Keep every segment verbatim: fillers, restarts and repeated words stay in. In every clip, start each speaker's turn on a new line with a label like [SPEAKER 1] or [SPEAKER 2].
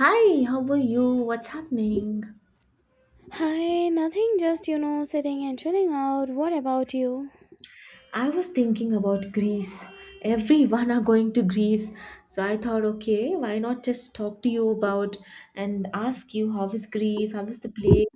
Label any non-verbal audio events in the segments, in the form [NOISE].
[SPEAKER 1] Hi, how are you? What's happening?
[SPEAKER 2] Hi, nothing, just you know, sitting and chilling out. What about you?
[SPEAKER 1] I was thinking about Greece. Everyone are going to Greece. So I thought, okay, why not just talk to you about and ask you how is Greece, how is the place,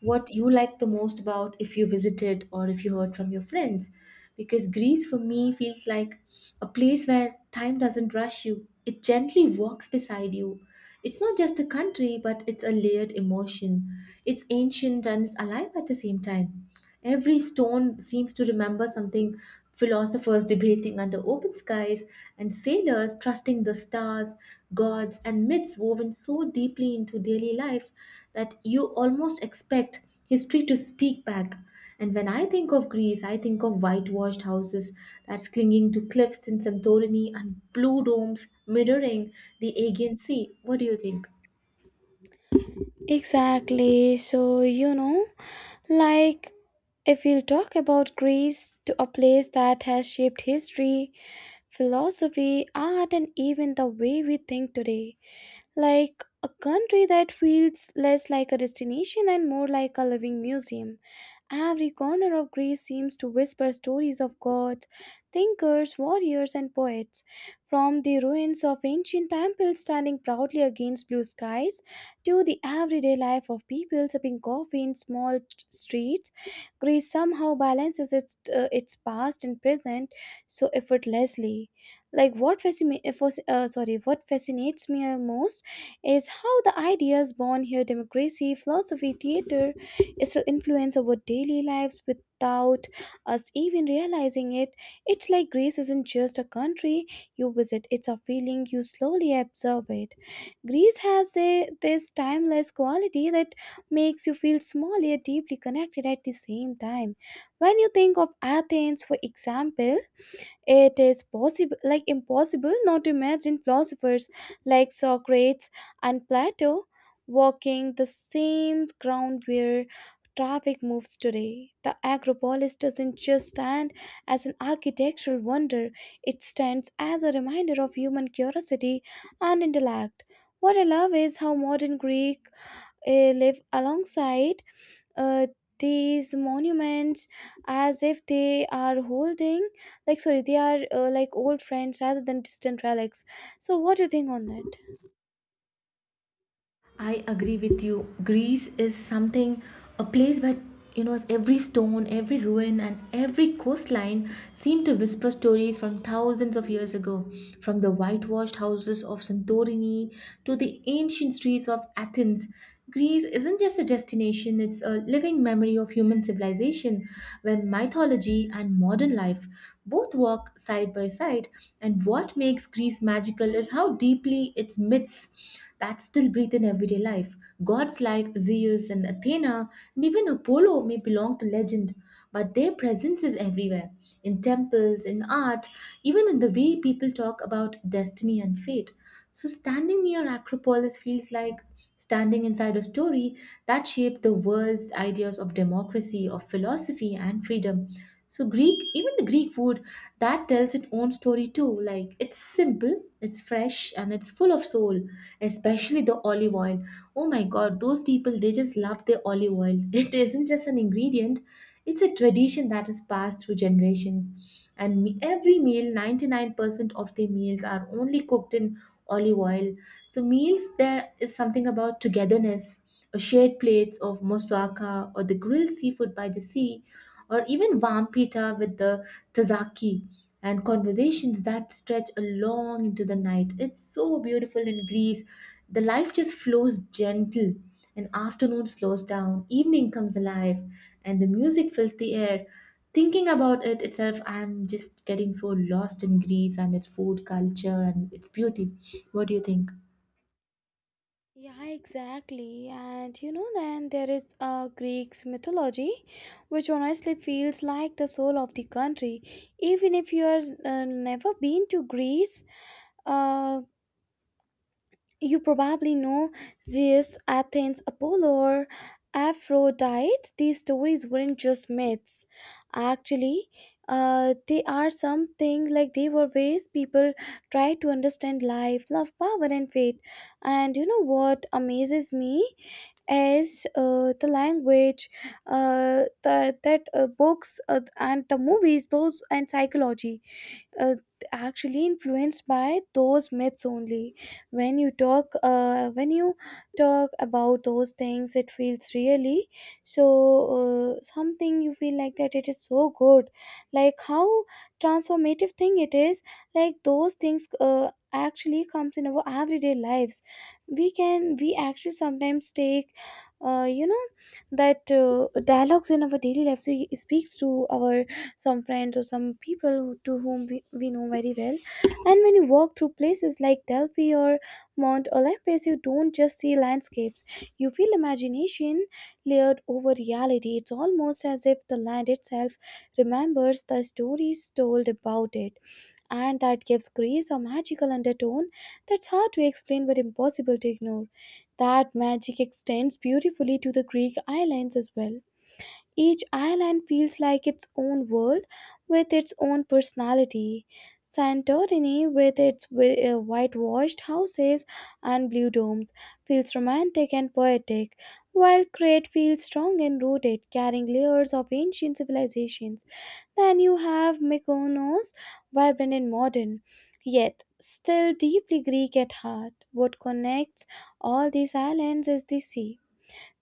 [SPEAKER 1] what you like the most about if you visited or if you heard from your friends. Because Greece for me feels like a place where time doesn't rush you. It gently walks beside you. It's not just a country, but it's a layered emotion. It's ancient and it's alive at the same time. Every stone seems to remember something philosophers debating under open skies, and sailors trusting the stars, gods, and myths woven so deeply into daily life that you almost expect history to speak back. And when I think of Greece, I think of whitewashed houses that's clinging to cliffs in Santorini and blue domes mirroring the Aegean Sea. What do you think?
[SPEAKER 2] Exactly. So, you know, like if we'll talk about Greece to a place that has shaped history, philosophy, art, and even the way we think today, like a country that feels less like a destination and more like a living museum. Every corner of Greece seems to whisper stories of gods, thinkers, warriors, and poets. From the ruins of ancient temples standing proudly against blue skies to the everyday life of people sipping coffee in small t- streets, Greece somehow balances its, uh, its past and present so effortlessly. Like what fascina- uh, fas- uh, sorry, what fascinates me most is how the ideas born here democracy, philosophy, theater, still influence our daily lives without us even realizing it. It's like Greece isn't just a country you visit, it's a feeling you slowly absorb it. Greece has a, this timeless quality that makes you feel small yet deeply connected at the same time. When you think of Athens, for example, it is possible, like impossible, not to imagine philosophers like Socrates and Plato walking the same ground where traffic moves today. The Acropolis doesn't just stand as an architectural wonder, it stands as a reminder of human curiosity and intellect. What I love is how modern Greek eh, live alongside uh, these monuments as if they are holding like sorry they are uh, like old friends rather than distant relics. So what do you think on that?
[SPEAKER 1] I agree with you. Greece is something, a place where you know every stone, every ruin, and every coastline seem to whisper stories from thousands of years ago. From the whitewashed houses of Santorini to the ancient streets of Athens, Greece isn't just a destination, it's a living memory of human civilization where mythology and modern life both walk side by side. And what makes Greece magical is how deeply its myths that still breathe in everyday life. Gods like Zeus and Athena and even Apollo may belong to legend, but their presence is everywhere in temples, in art, even in the way people talk about destiny and fate. So standing near Acropolis feels like standing inside a story that shaped the world's ideas of democracy, of philosophy, and freedom. So Greek, even the Greek food, that tells its own story too. Like it's simple, it's fresh, and it's full of soul especially the olive oil. Oh my god, those people they just love their olive oil. [LAUGHS] It isn't just an ingredient, it's a tradition that is passed through generations. And me- every meal, ninety-nine percent of their meals are only cooked in olive oil. So meals there is something about togetherness or shared plates of moussaka or the grilled seafood by the sea, or even warm pita with the tzatziki and conversations that stretch along into the night. It's so beautiful in Greece. The life just flows gentle. And afternoon slows down, evening comes alive, and the music fills the air. Thinking about it itself, I'm just getting so lost in Greece and its food culture and its beauty. What do you think?
[SPEAKER 2] Yeah, exactly, and you know then there is a Greek's mythology which honestly feels like the soul of the country, even if you are uh, never been to Greece. uh, You probably know Zeus, Athens, Apollo, or Aphrodite. These stories weren't just myths. Actually, uh, they are something like they were ways people tried to understand life, love, power, and fate. And you know what amazes me is uh, the language, uh, the, that uh, books uh, and the movies, those and psychology, uh, actually influenced by those myths only. When you talk uh, when you talk about those things it feels really so, uh, something you feel like that it is so good, like how transformative thing it is, like those things uh, actually comes in our everyday lives. We can we actually sometimes take, uh, you know that uh, dialogues in our daily lives we speaks to our some friends or some people to whom we, we know very well. And when you walk through places like Delphi or Mount Olympus, you don't just see landscapes, you feel imagination layered over reality. It's almost as if the land itself remembers the stories told about it, and that gives grace a magical undertone that's hard to explain but impossible to ignore. That magic extends beautifully to the Greek islands as well. Each island feels like its own world with its own personality. Santorini, with its wi- uh, whitewashed houses and blue domes, feels romantic and poetic, while Crete feels strong and rooted, carrying layers of ancient civilizations. Then you have Mykonos, vibrant and modern, yet still deeply Greek at heart. What connects all these islands is the sea,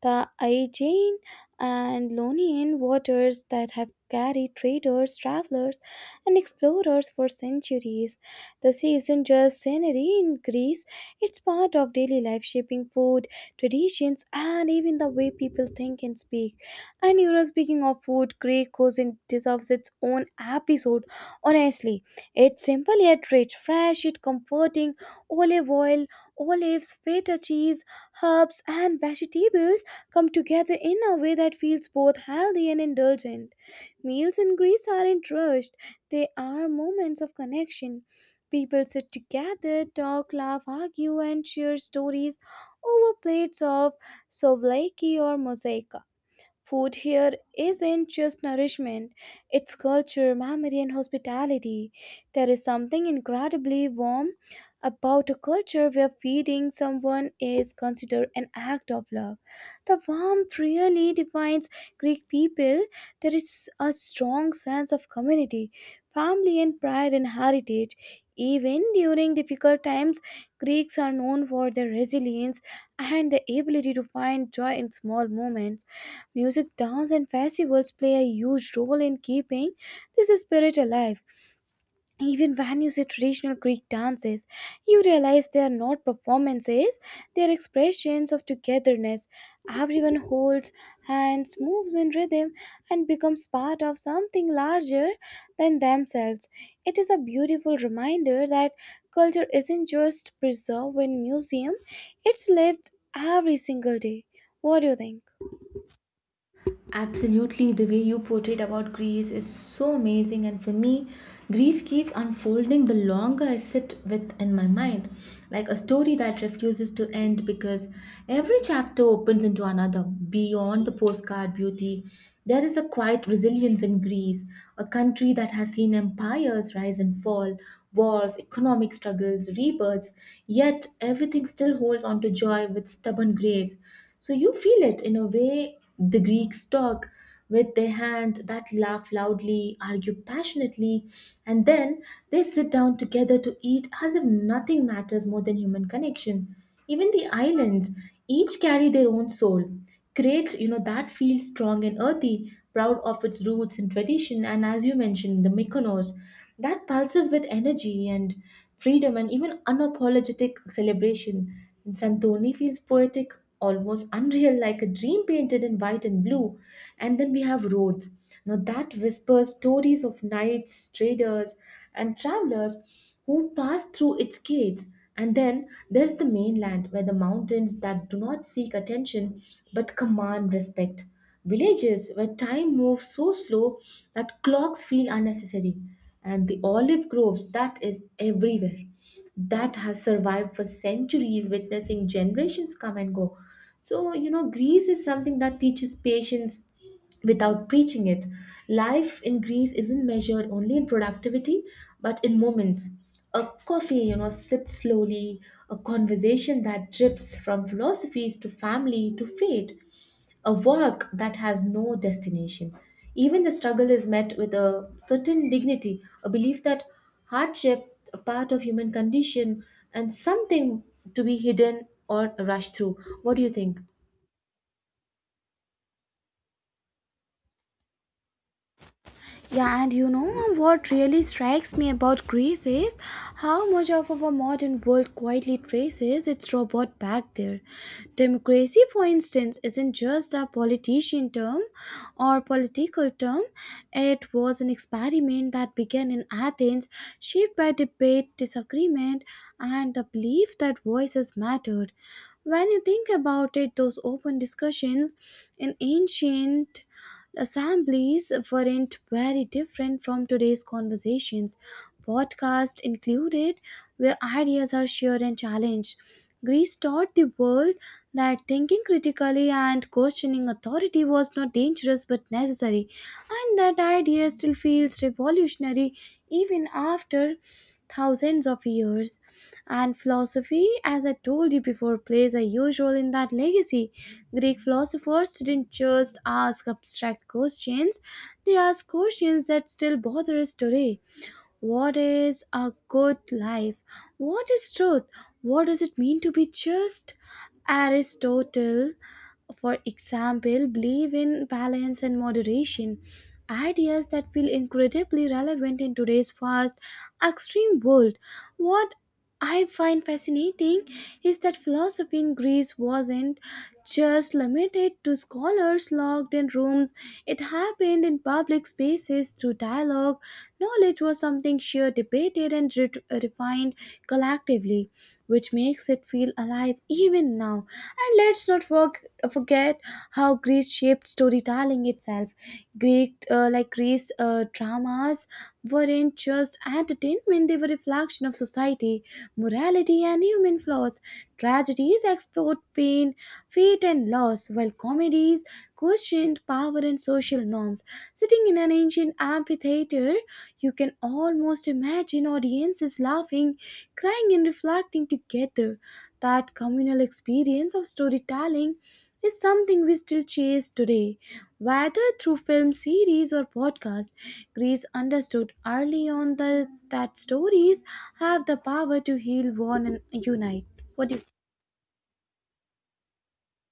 [SPEAKER 2] the Aegean and Ionian waters that have carried traders, travelers, and explorers for centuries. The sea isn't just scenery in Greece, it's part of daily life, shaping food, traditions, and even the way people think and speak. And you know, speaking of food, Greek cuisine deserves its own episode. Honestly, it's simple yet rich, fresh yet comforting. Olive oil, olives, feta cheese, herbs, and vegetables come together in a way that feels both healthy and indulgent. Meals in Greece aren't rushed, they are moments of connection. People sit together, talk, laugh, argue, and share stories over plates of souvlaki or mosaic. Food here isn't just nourishment, it's culture, memory, and hospitality. There is something incredibly warm about a culture where feeding someone is considered an act of love. The warmth really defines Greek people. There is a strong sense of community, family, and pride in heritage. Even during difficult times, Greeks are known for their resilience and the ability to find joy in small moments. Music, dance, and festivals play a huge role in keeping this spirit alive. Even when you see traditional Greek dances, you realize they are not performances, they are expressions of togetherness. Everyone holds hands, moves in rhythm, and becomes part of something larger than themselves. It is a beautiful reminder that culture isn't just preserved in museum, it's lived every single day. What do you think?
[SPEAKER 1] Absolutely, the way you portrayed about Greece is so amazing, and for me, Greece keeps unfolding the longer I sit with in my mind, like a story that refuses to end because every chapter opens into another. Beyond the postcard beauty, there is a quiet resilience in Greece, a country that has seen empires rise and fall, wars, economic struggles, rebirths, yet everything still holds on to joy with stubborn grace. So you feel it in a way the Greeks talk with their hand that laugh loudly, argue passionately, and then they sit down together to eat as if nothing matters more than human connection. Even the islands, each carry their own soul. Create, you know, that feels strong and earthy, proud of its roots and tradition, and as you mentioned, the Mykonos, that pulses with energy and freedom and even unapologetic celebration. Santoni feels poetic, almost unreal, like a dream painted in white and blue. And then we have roads. Now that whispers stories of knights, traders, and travelers who passed through its gates. And then there's the mainland, where the mountains that do not seek attention but command respect. Villages where time moves so slow that clocks feel unnecessary. And the olive groves that is everywhere that have survived for centuries, witnessing generations come and go. So, you know, Greece is something that teaches patience without preaching it. Life in Greece isn't measured only in productivity, but in moments. A coffee, you know, sipped slowly, a conversation that drifts from philosophies to family to fate a work that has no destination. Even the struggle is met with a certain dignity, a belief that hardship, a part of human condition, and something to be hidden or rushed through. What do you think?
[SPEAKER 2] Yeah, and you know what really strikes me about Greece is how much of our modern world quietly traces its robot back there. Democracy, for instance, isn't just a politician term or political term, it was an experiment that began in Athens, shaped by debate, disagreement, and the belief that voices mattered. When you think about it, those open discussions in ancient assemblies weren't very different from today's conversations, podcast included, where ideas are shared and challenged. Greece taught the world that thinking critically and questioning authority was not dangerous but necessary, and that idea still feels revolutionary even after thousands of years. And philosophy, as I told you before, plays a huge role in that legacy. Greek philosophers didn't just ask abstract questions, they asked questions that still bother us today. What is a good life? What is truth? What does it mean to be just? Aristotle, for example, believe in balance and moderation, ideas that feel incredibly relevant in today's fast, extreme world. What I find fascinating is that philosophy in Greece wasn't just limited to scholars locked in rooms. It happened in public spaces through dialogue. Knowledge was something shared, debated, and ret- refined collectively, which makes it feel alive even now. And let's not forg- forget how Greece shaped storytelling itself. Greek, uh, like Greece uh, dramas, weren't just entertainment, they were reflection of society, morality, and human flaws. Tragedies explored pain, fate, and loss, while comedies questioned power and social norms. Sitting in an ancient amphitheater, you can almost imagine audiences laughing, crying, and reflecting together. That communal experience of storytelling is something we still chase today, whether through film series or podcast. Greece understood early on the, that stories have the power to heal, warn, and unite. What do you?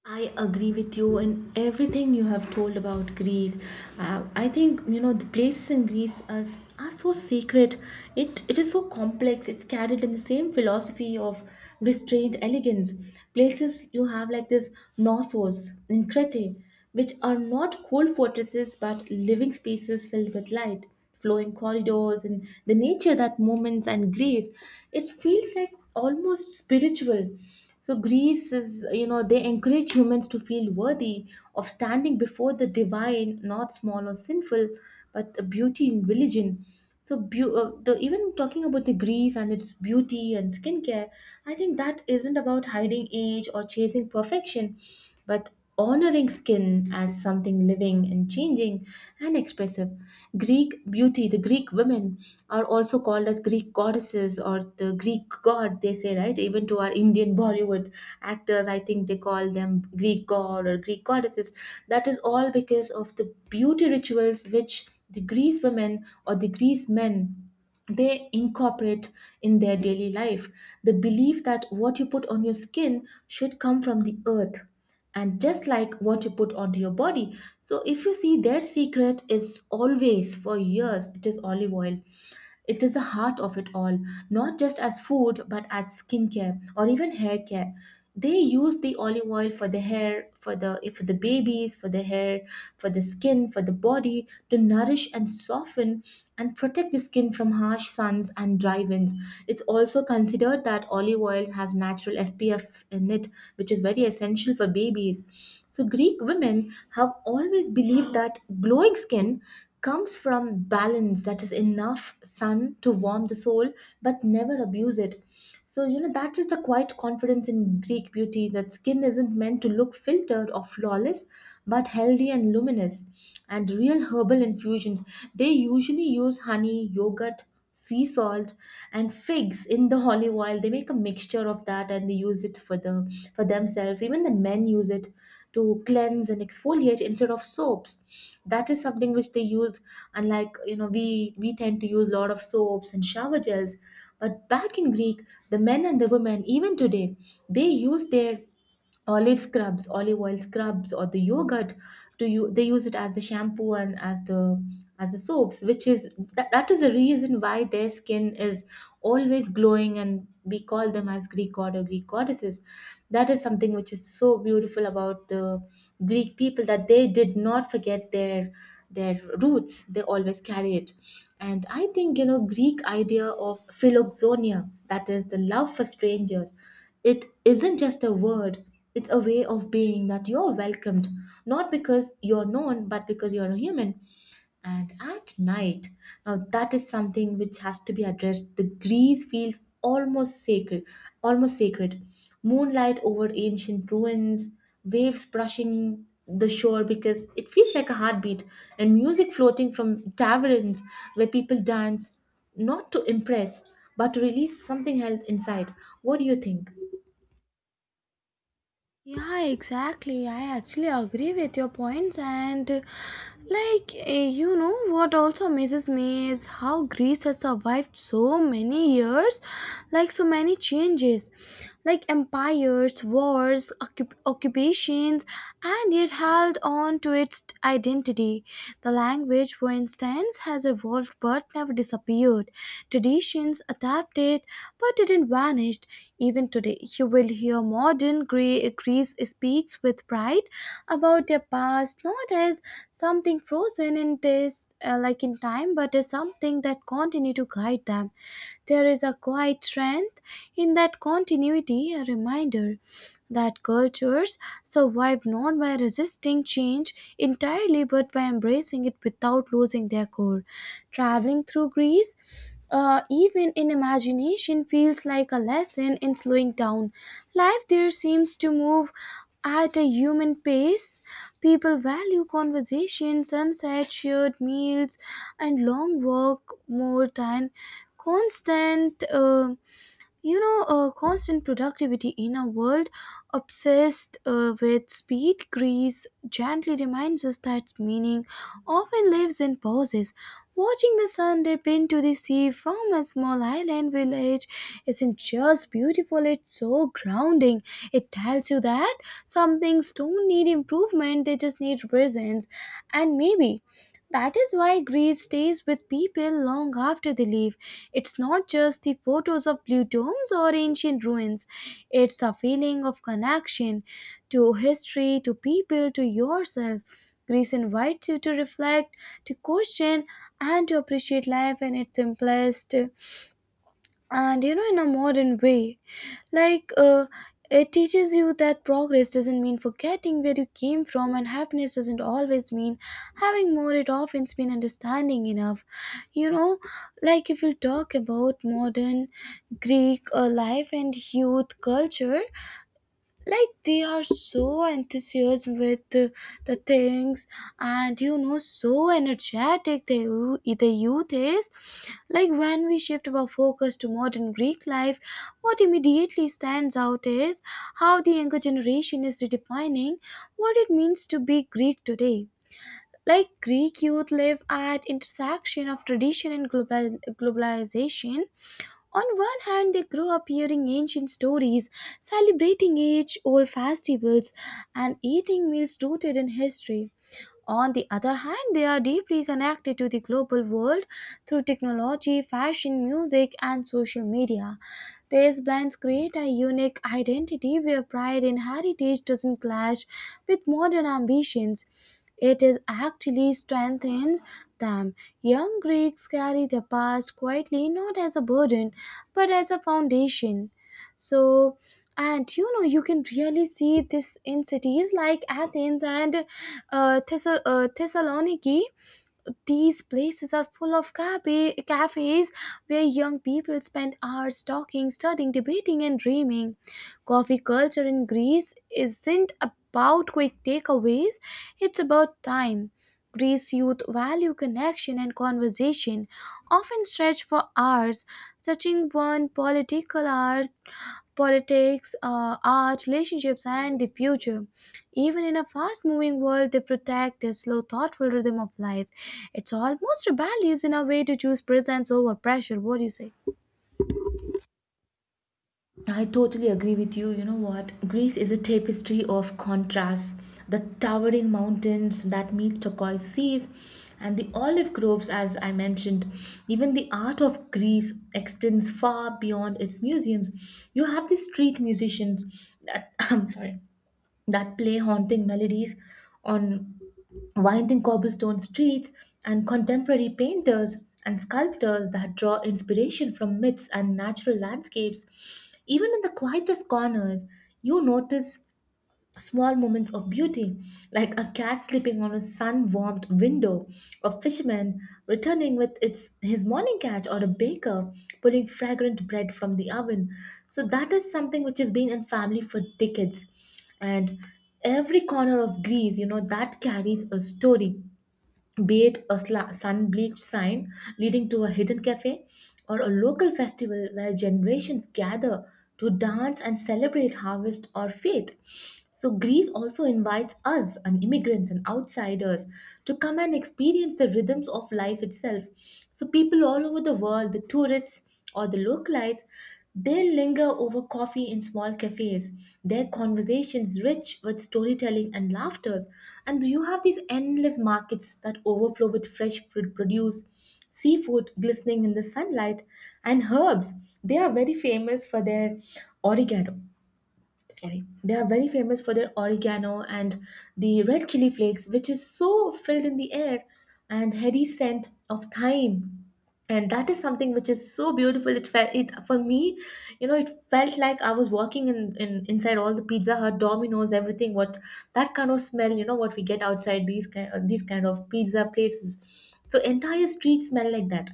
[SPEAKER 1] I agree with you in everything you have told about Greece. Uh, I think you know the places in Greece are, s- are so sacred. It it is so complex. It's carried in the same philosophy of restrained elegance. Places you have like this Knossos in Crete, which are not cold fortresses but living spaces filled with light, flowing corridors, and the nature that moments and grace. It feels like almost spiritual. So Greece is, you know, they encourage humans to feel worthy of standing before the divine, not small or sinful, but the beauty in religion. So beau- uh, the Even talking about the Greece and its beauty and skincare, I think that isn't about hiding age or chasing perfection, but honoring skin as something living and changing and expressive. Greek beauty, the Greek women are also called as Greek goddesses or the Greek god, they say, right? Even to our Indian Bollywood actors, I think they call them Greek god or Greek goddesses. That is all because of the beauty rituals which the Greece women or the Greece men they incorporate in their daily life the belief that what you put on your skin should come from the earth and just like what you put onto your body so if you see their secret is always for years it is olive oil it is the heart of it all, not just as food but as skincare or even hair care. They use the olive oil for the hair, for the for the babies, for the hair, for the skin, for the body to nourish and soften and protect the skin from harsh suns and dry winds. It's also considered that olive oil has natural S P F in it, which is very essential for babies so, Greek women have always believed that glowing skin comes from balance, that is, enough sun to warm the soul but never abuse it. So, you know, that is the quiet confidence in Greek beauty that skin isn't meant to look filtered or flawless but healthy and luminous. And real herbal infusions, they usually use honey, yogurt, sea salt and figs in the olive oil they make a mixture of that and they use it for the for themselves even the men use it to cleanse and exfoliate instead of soaps that is something which they use unlike you know we we tend to use a lot of soaps and shower gels but back in greek the men and the women even today they use their olive scrubs, olive oil scrubs, or the yogurt. To you, they use it as the shampoo and as the as the soaps, which is that, that is the reason why their skin is always glowing, and we call them as Greek god or Greek goddesses. That is something which is so beautiful about the Greek people that they did not forget their their roots. They always carry it, and I think you know Greek idea of philoxonia, that is the love for strangers it isn't just a word, it's a way of being that you're welcomed, not because you're known, but because you're a human. And at night, now that is something which has to be addressed. The grease feels almost sacred, almost sacred. Moonlight over ancient ruins, waves brushing the shore because it feels like a heartbeat, and music floating from taverns where people dance, not to impress, but to release something held inside. What do you think?
[SPEAKER 2] Yeah, exactly. I actually agree with your points, and uh, like eh, you know, what also amazes me is how Greece has survived so many years, like so many changes, like empires, wars, occup- occupations, and yet held on to its identity. The language, for instance, has evolved but never disappeared. Traditions adapted but didn't vanish vanished. Even today, you will hear modern Gre- Greece speaks with pride about their past, not as something frozen in this, uh, like in time, but as something that continue to guide them. There is a quiet strength in that continuity, a reminder that cultures survive not by resisting change entirely but by embracing it without losing their core. Traveling through Greece, uh, even in imagination feels like a lesson in slowing down. Life there seems to move at a human pace. People value conversation, sunset, shared meals, and long walk more than constant. Uh, you know uh, constant productivity in a world obsessed uh, with speed, grease gently reminds us that meaning often lives in pauses, watching the sun dip into the sea from a small island village isn't just beautiful, it's so grounding. It tells you that some things don't need improvement, they just need presence. And maybe that is why Greece stays with people long after they leave. It's not just the photos of blue domes or ancient ruins, it's a feeling of connection to history, to people, to yourself. Greece invites you to reflect, to question, and to appreciate life in its simplest. And you know, in a modern way, like uh, it teaches you that progress doesn't mean forgetting where you came from, and happiness doesn't always mean having more, it often means understanding enough. You know, like if you talk about modern Greek uh, life and youth culture, like they are so enthusiastic with uh, the things, and you know so energetic the, yo- the youth is. Like when we shift our focus to modern Greek life, what immediately stands out is how the younger generation is redefining what it means to be Greek today. Like Greek youth live at intersection of tradition and global, globalization. On one hand, they grow up hearing ancient stories, celebrating age old festivals, and eating meals rooted in history. On the other hand, they are deeply connected to the global world through technology, fashion, music, and social media. These blends create a unique identity where pride in heritage doesn't clash with modern ambitions. It is actually strengthens them. Young Greeks carry their past quietly, not as a burden, but as a foundation. So, and you know, you can really see this in cities like Athens and uh, Thessa- uh, Thessaloniki. These places are full of cafe- cafes where young people spend hours talking, studying, debating, and dreaming. Coffee culture in Greece isn't about quick takeaways, it's about time. Greece youth value connection and conversation, often stretch for hours, touching one political hour politics, uh, art, relationships, and the future. Even in a fast moving world, they protect the slow, thoughtful rhythm of life. It's almost rebellious in a way to choose presence over pressure. What do you say?
[SPEAKER 1] I totally agree with you. You know what? Greece is a tapestry of contrasts. The towering mountains that meet turquoise seas and the olive groves, as I mentioned. Even the art of Greece extends far beyond its museums. You have the street musicians that, [LAUGHS] [CLEARS THROAT] I'm sorry, that play haunting melodies on winding cobblestone streets, and contemporary painters and sculptors that draw inspiration from myths and natural landscapes. Even in the quietest corners, you notice small moments of beauty, like a cat sleeping on a sun-warmed window, a fisherman returning with its his morning catch, or a baker pulling fragrant bread from the oven. So that is something which has been in family for decades, and every corner of Greece, you know, that carries a story be it a sla- sun bleached sign leading to a hidden cafe or a local festival where generations gather to dance and celebrate harvest or faith. So, Greece also invites us, and immigrants and outsiders, to come and experience the rhythms of life itself. So, people all over the world, the tourists, or the localites, they linger over coffee in small cafes, their conversations rich with storytelling and laughters. And you have these endless markets that overflow with fresh fruit produce, seafood glistening in the sunlight, and herbs. They are very famous for their oregano sorry they are very famous for their oregano and the red chili flakes which is so filled in the air and heady scent of thyme, and that is something which is so beautiful it felt it for me. you know it felt like I was walking in, in inside all the Pizza Hut, Domino's, everything. What that kind of smell, you know what we get outside these kind, these kind of pizza places. So entire streets smell like that.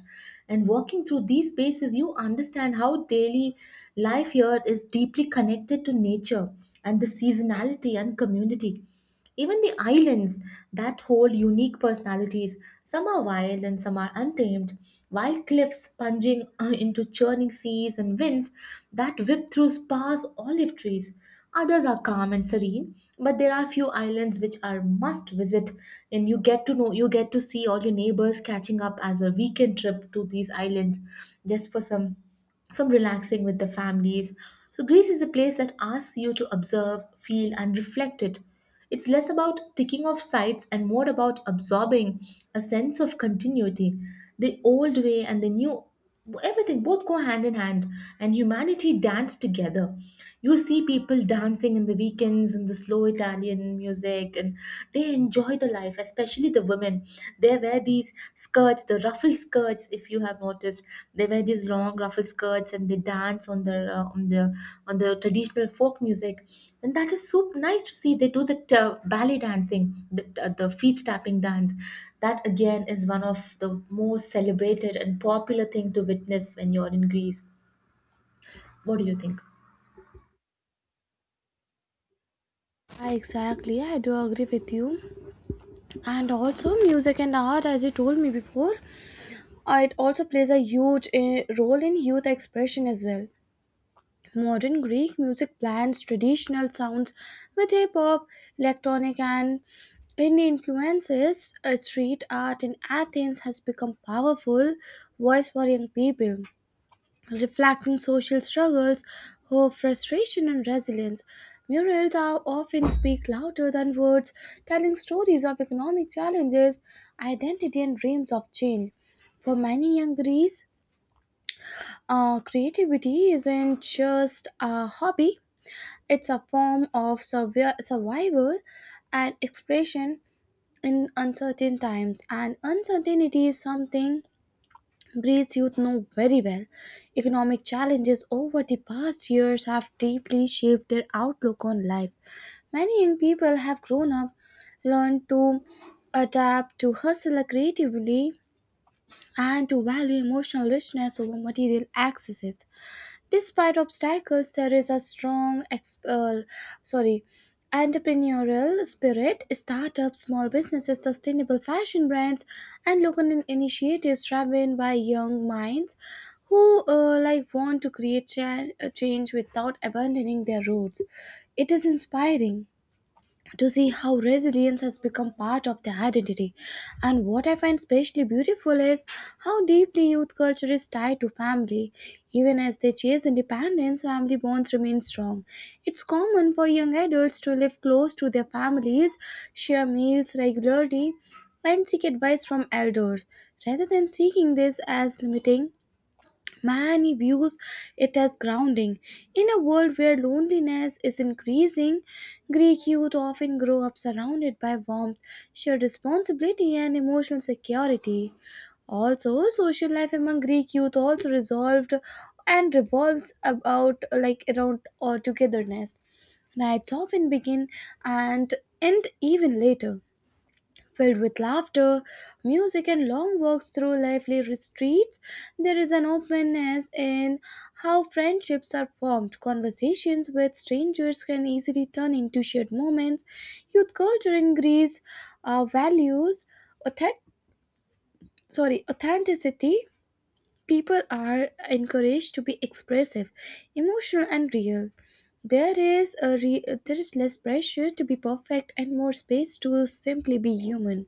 [SPEAKER 1] And walking through these spaces you understand how daily life here is deeply connected to nature and the seasonality and community. Even the islands that hold unique personalities. Some are wild and some are untamed. Wild cliffs plunging [LAUGHS] uh, into churning seas and winds that whip through sparse olive trees. Others are calm and serene, but there are few islands which are must visit. And you get to know, you get to see all your neighbors catching up as a weekend trip to these islands just for some some relaxing with the families. So Greece is a place that asks you to observe, feel and reflect it. It's less about ticking off sites and more about absorbing a sense of continuity. The old way and the new, everything both go hand in hand, and humanity dance together. You see people dancing in the weekends in the slow Italian music, and they enjoy the life, especially the women. They wear these skirts, the ruffled skirts. If you have noticed, they wear these long ruffled skirts and they dance on the uh, on the on the traditional folk music, and that is so nice to see. They do the uh, ballet dancing, the uh, the feet tapping dance. That again is one of the most celebrated and popular thing to witness when you're in Greece. What do you think?
[SPEAKER 2] I exactly, I do agree with you. And also, music and art, as you told me before, uh, it also plays a huge uh, role in youth expression as well. Modern Greek music blends traditional sounds with hip hop, electronic, and Indian influences. Uh, Street art in Athens has become powerful voice for young people, reflecting social struggles, hope, frustration, and resilience. Murals are often speak louder than words, telling stories of economic challenges, identity, and dreams of change. For many young Greeks, uh, creativity isn't just a hobby, it's a form of survi- survival and expression in uncertain times, and uncertainty is something Breeze youth know very well. Economic challenges over the past years have deeply shaped their outlook on life. Many young people have grown up, learned to adapt, to hustle creatively, and to value emotional richness over material excesses. Despite obstacles, there is a strong ex- uh, sorry entrepreneurial spirit. Startups, small businesses, sustainable fashion brands, and local in- initiatives driven by young minds who uh, like want to create cha- a change without abandoning their roots. It is inspiring to see how resilience has become part of their identity. And what I find especially beautiful is how deeply youth culture is tied to family. Even as they chase independence, family bonds remain strong. It's common for young adults to live close to their families, share meals regularly, and seek advice from elders. Rather than seeing this as limiting, many views it as grounding. In a world where loneliness is increasing, Greek youth often grow up surrounded by warmth, shared responsibility, and emotional security. Also, social life among Greek youth also resolved and revolves about like around or togetherness. Nights often begin and end even later, filled with laughter, music, and long walks through lively streets. There is an openness in how friendships are formed. Conversations with strangers can easily turn into shared moments. Youth culture in Greece uh, values authentic, sorry, authenticity. People are encouraged to be expressive, emotional, and real. There is a re- there is less pressure to be perfect and more space to simply be human.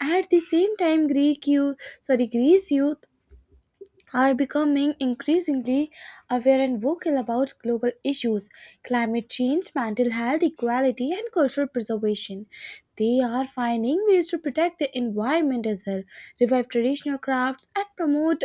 [SPEAKER 2] At the same time, Greek you sorry Greece youth are becoming increasingly aware and vocal about global issues: climate change, mental health, equality, and cultural preservation. They are finding ways to protect the environment as well, revive traditional crafts, and promote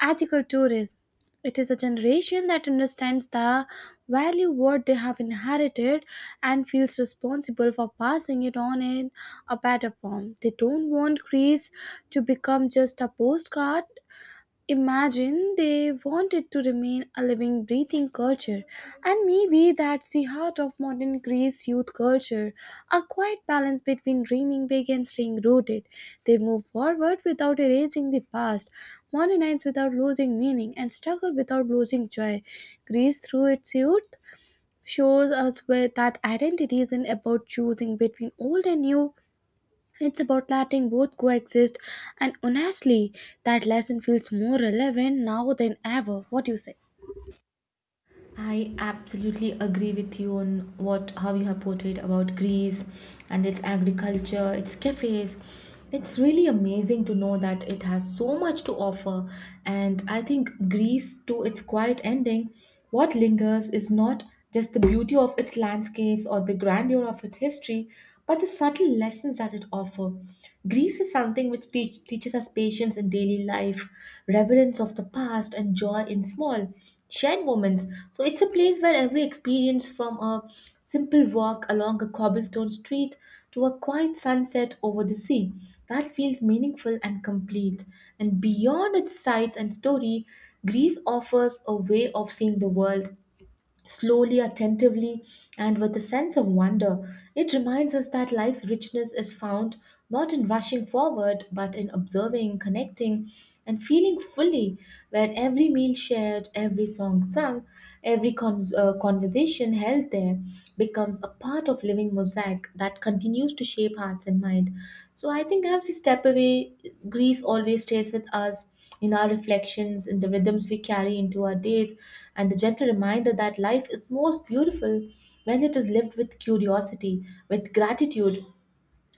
[SPEAKER 2] ethical tourism. It is a generation that understands the value what they have inherited and feels responsible for passing it on in a better form. They don't want Greece to become just a postcard. Imagine they wanted to remain a living, breathing culture, and maybe that's the heart of modern Greece youth culture, a quiet balance between dreaming big and staying rooted. They move forward without erasing the past, modernize without losing meaning, and struggle without losing joy. Greece, through its youth, shows us where that identity isn't about choosing between old and new, it's about letting both coexist, and honestly, that lesson feels more relevant now than ever. What do you say?
[SPEAKER 1] I absolutely agree with you on what how you have portrayed about Greece and its agriculture, its cafes. It's really amazing to know that it has so much to offer. And I think Greece, to its quiet ending, what lingers is not just the beauty of its landscapes or the grandeur of its history, but the subtle lessons that it offers. Greece is something which teach, teaches us patience in daily life, reverence of the past, and joy in small shared moments. So it's a place where every experience, from a simple walk along a cobblestone street to a quiet sunset over the sea, that feels meaningful and complete. And beyond its sights and story, Greece offers a way of seeing the world slowly, attentively, and with a sense of wonder. It reminds us that life's richness is found not in rushing forward, but in observing, connecting, and feeling fully, where every meal shared, every song sung, every con- uh, conversation held there becomes a part of living mosaic that continues to shape hearts and mind. So I think as we step away, Greece always stays with us in our reflections, in the rhythms we carry into our days, and the gentle reminder that life is most beautiful when it is lived with curiosity, with gratitude,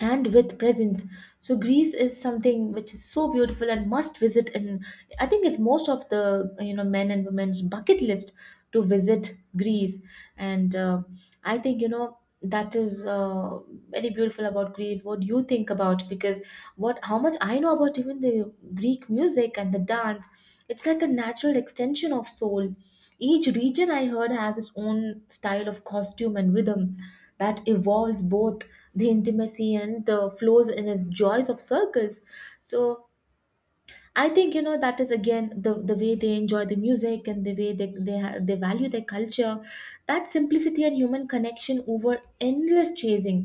[SPEAKER 1] and with presents. So Greece is something which is so beautiful and must visit. And I think it's most of the you know men and women's bucket list to visit Greece. And uh, I think you know that is uh, very beautiful about Greece. What do you think about? Because what how much I know about even the Greek music and the dance, it's like a natural extension of soul. Each region I heard has its own style of costume and rhythm that evolves both the intimacy and the flows in its joys of circles. So I think you know that is again the the way they enjoy the music and the way they they, ha- they value their culture, that simplicity and human connection over endless chasing.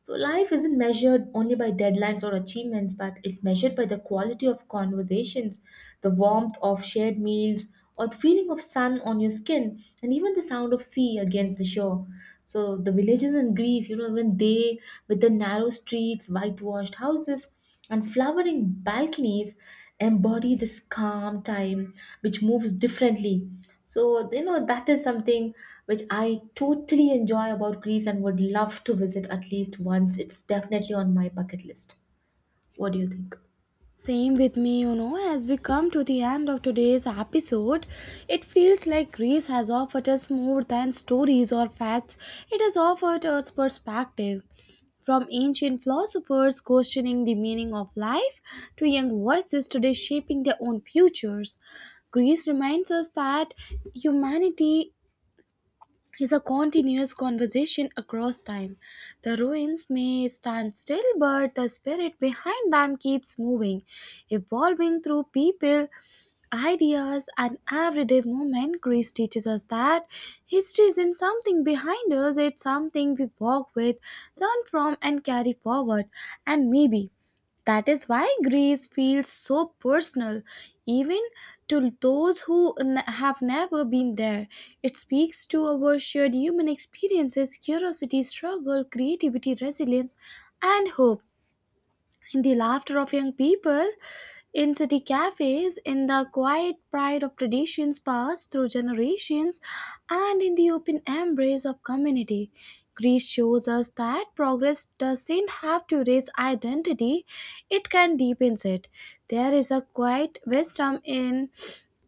[SPEAKER 1] So life isn't measured only by deadlines or achievements, but it's measured by the quality of conversations, the warmth of shared meals, or the feeling of sun on your skin, and even the sound of sea against the shore. So the villages in Greece, you know, when they with the narrow streets, whitewashed houses, and flowering balconies embody this calm time which moves differently. So, you know, that is something which I totally enjoy about Greece and would love to visit at least once. It's definitely on my bucket list. What do you think?
[SPEAKER 2] Same with me, you know, as we come to the end of today's episode, it feels like Greece has offered us more than stories or facts, it has offered us perspective. From ancient philosophers questioning the meaning of life to young voices today shaping their own futures, Greece reminds us that humanity is a continuous conversation across time. The ruins may stand still, but the spirit behind them keeps moving, evolving through people, ideas, and everyday movement. Greece teaches us that history isn't something behind us, it's something we walk with, learn from, and carry forward. And maybe that is why Greece feels so personal, even to those who n- have never been there. It speaks to our shared human experiences, curiosity, struggle, creativity, resilience, and hope, the laughter of young people in city cafes, in the quiet pride of traditions passed through generations, and in the open embrace of community. Greece shows us that progress doesn't have to erase identity, it can deepen it. There is a quiet wisdom in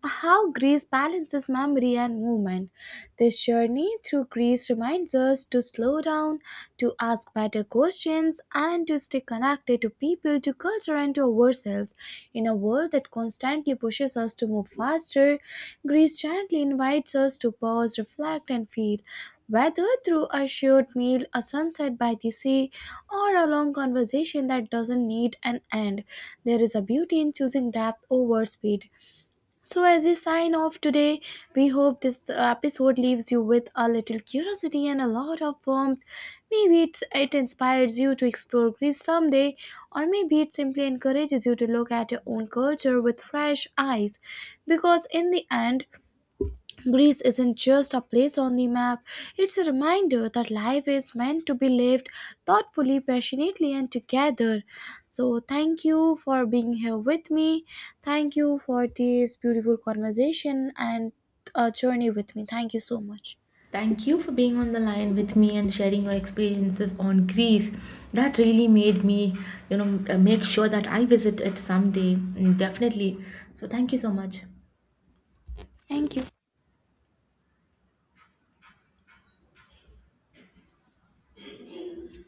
[SPEAKER 2] how Greece balances memory and movement. This journey through Greece reminds us to slow down, to ask better questions, and to stay connected to people, to culture, and to ourselves. In a world that constantly pushes us to move faster, Greece gently invites us to pause, reflect, and feel. Whether through a shared meal, a sunset by the sea, or a long conversation that doesn't need an end, there is a beauty in choosing depth over speed. So, as we sign off today, we hope this episode leaves you with a little curiosity and a lot of warmth. Maybe it, it inspires you to explore Greece someday, or maybe it simply encourages you to look at your own culture with fresh eyes. Because in the end, Greece isn't just a place on the map, it's a reminder that life is meant to be lived thoughtfully, passionately, and together. So, thank you for being here with me. Thank you for this beautiful conversation and a journey with me. Thank you so much.
[SPEAKER 1] Thank you for being on the line with me and sharing your experiences on Greece. That really made me, you know, make sure that I visit it someday. Mm, definitely. So, thank you so much.
[SPEAKER 2] Thank you.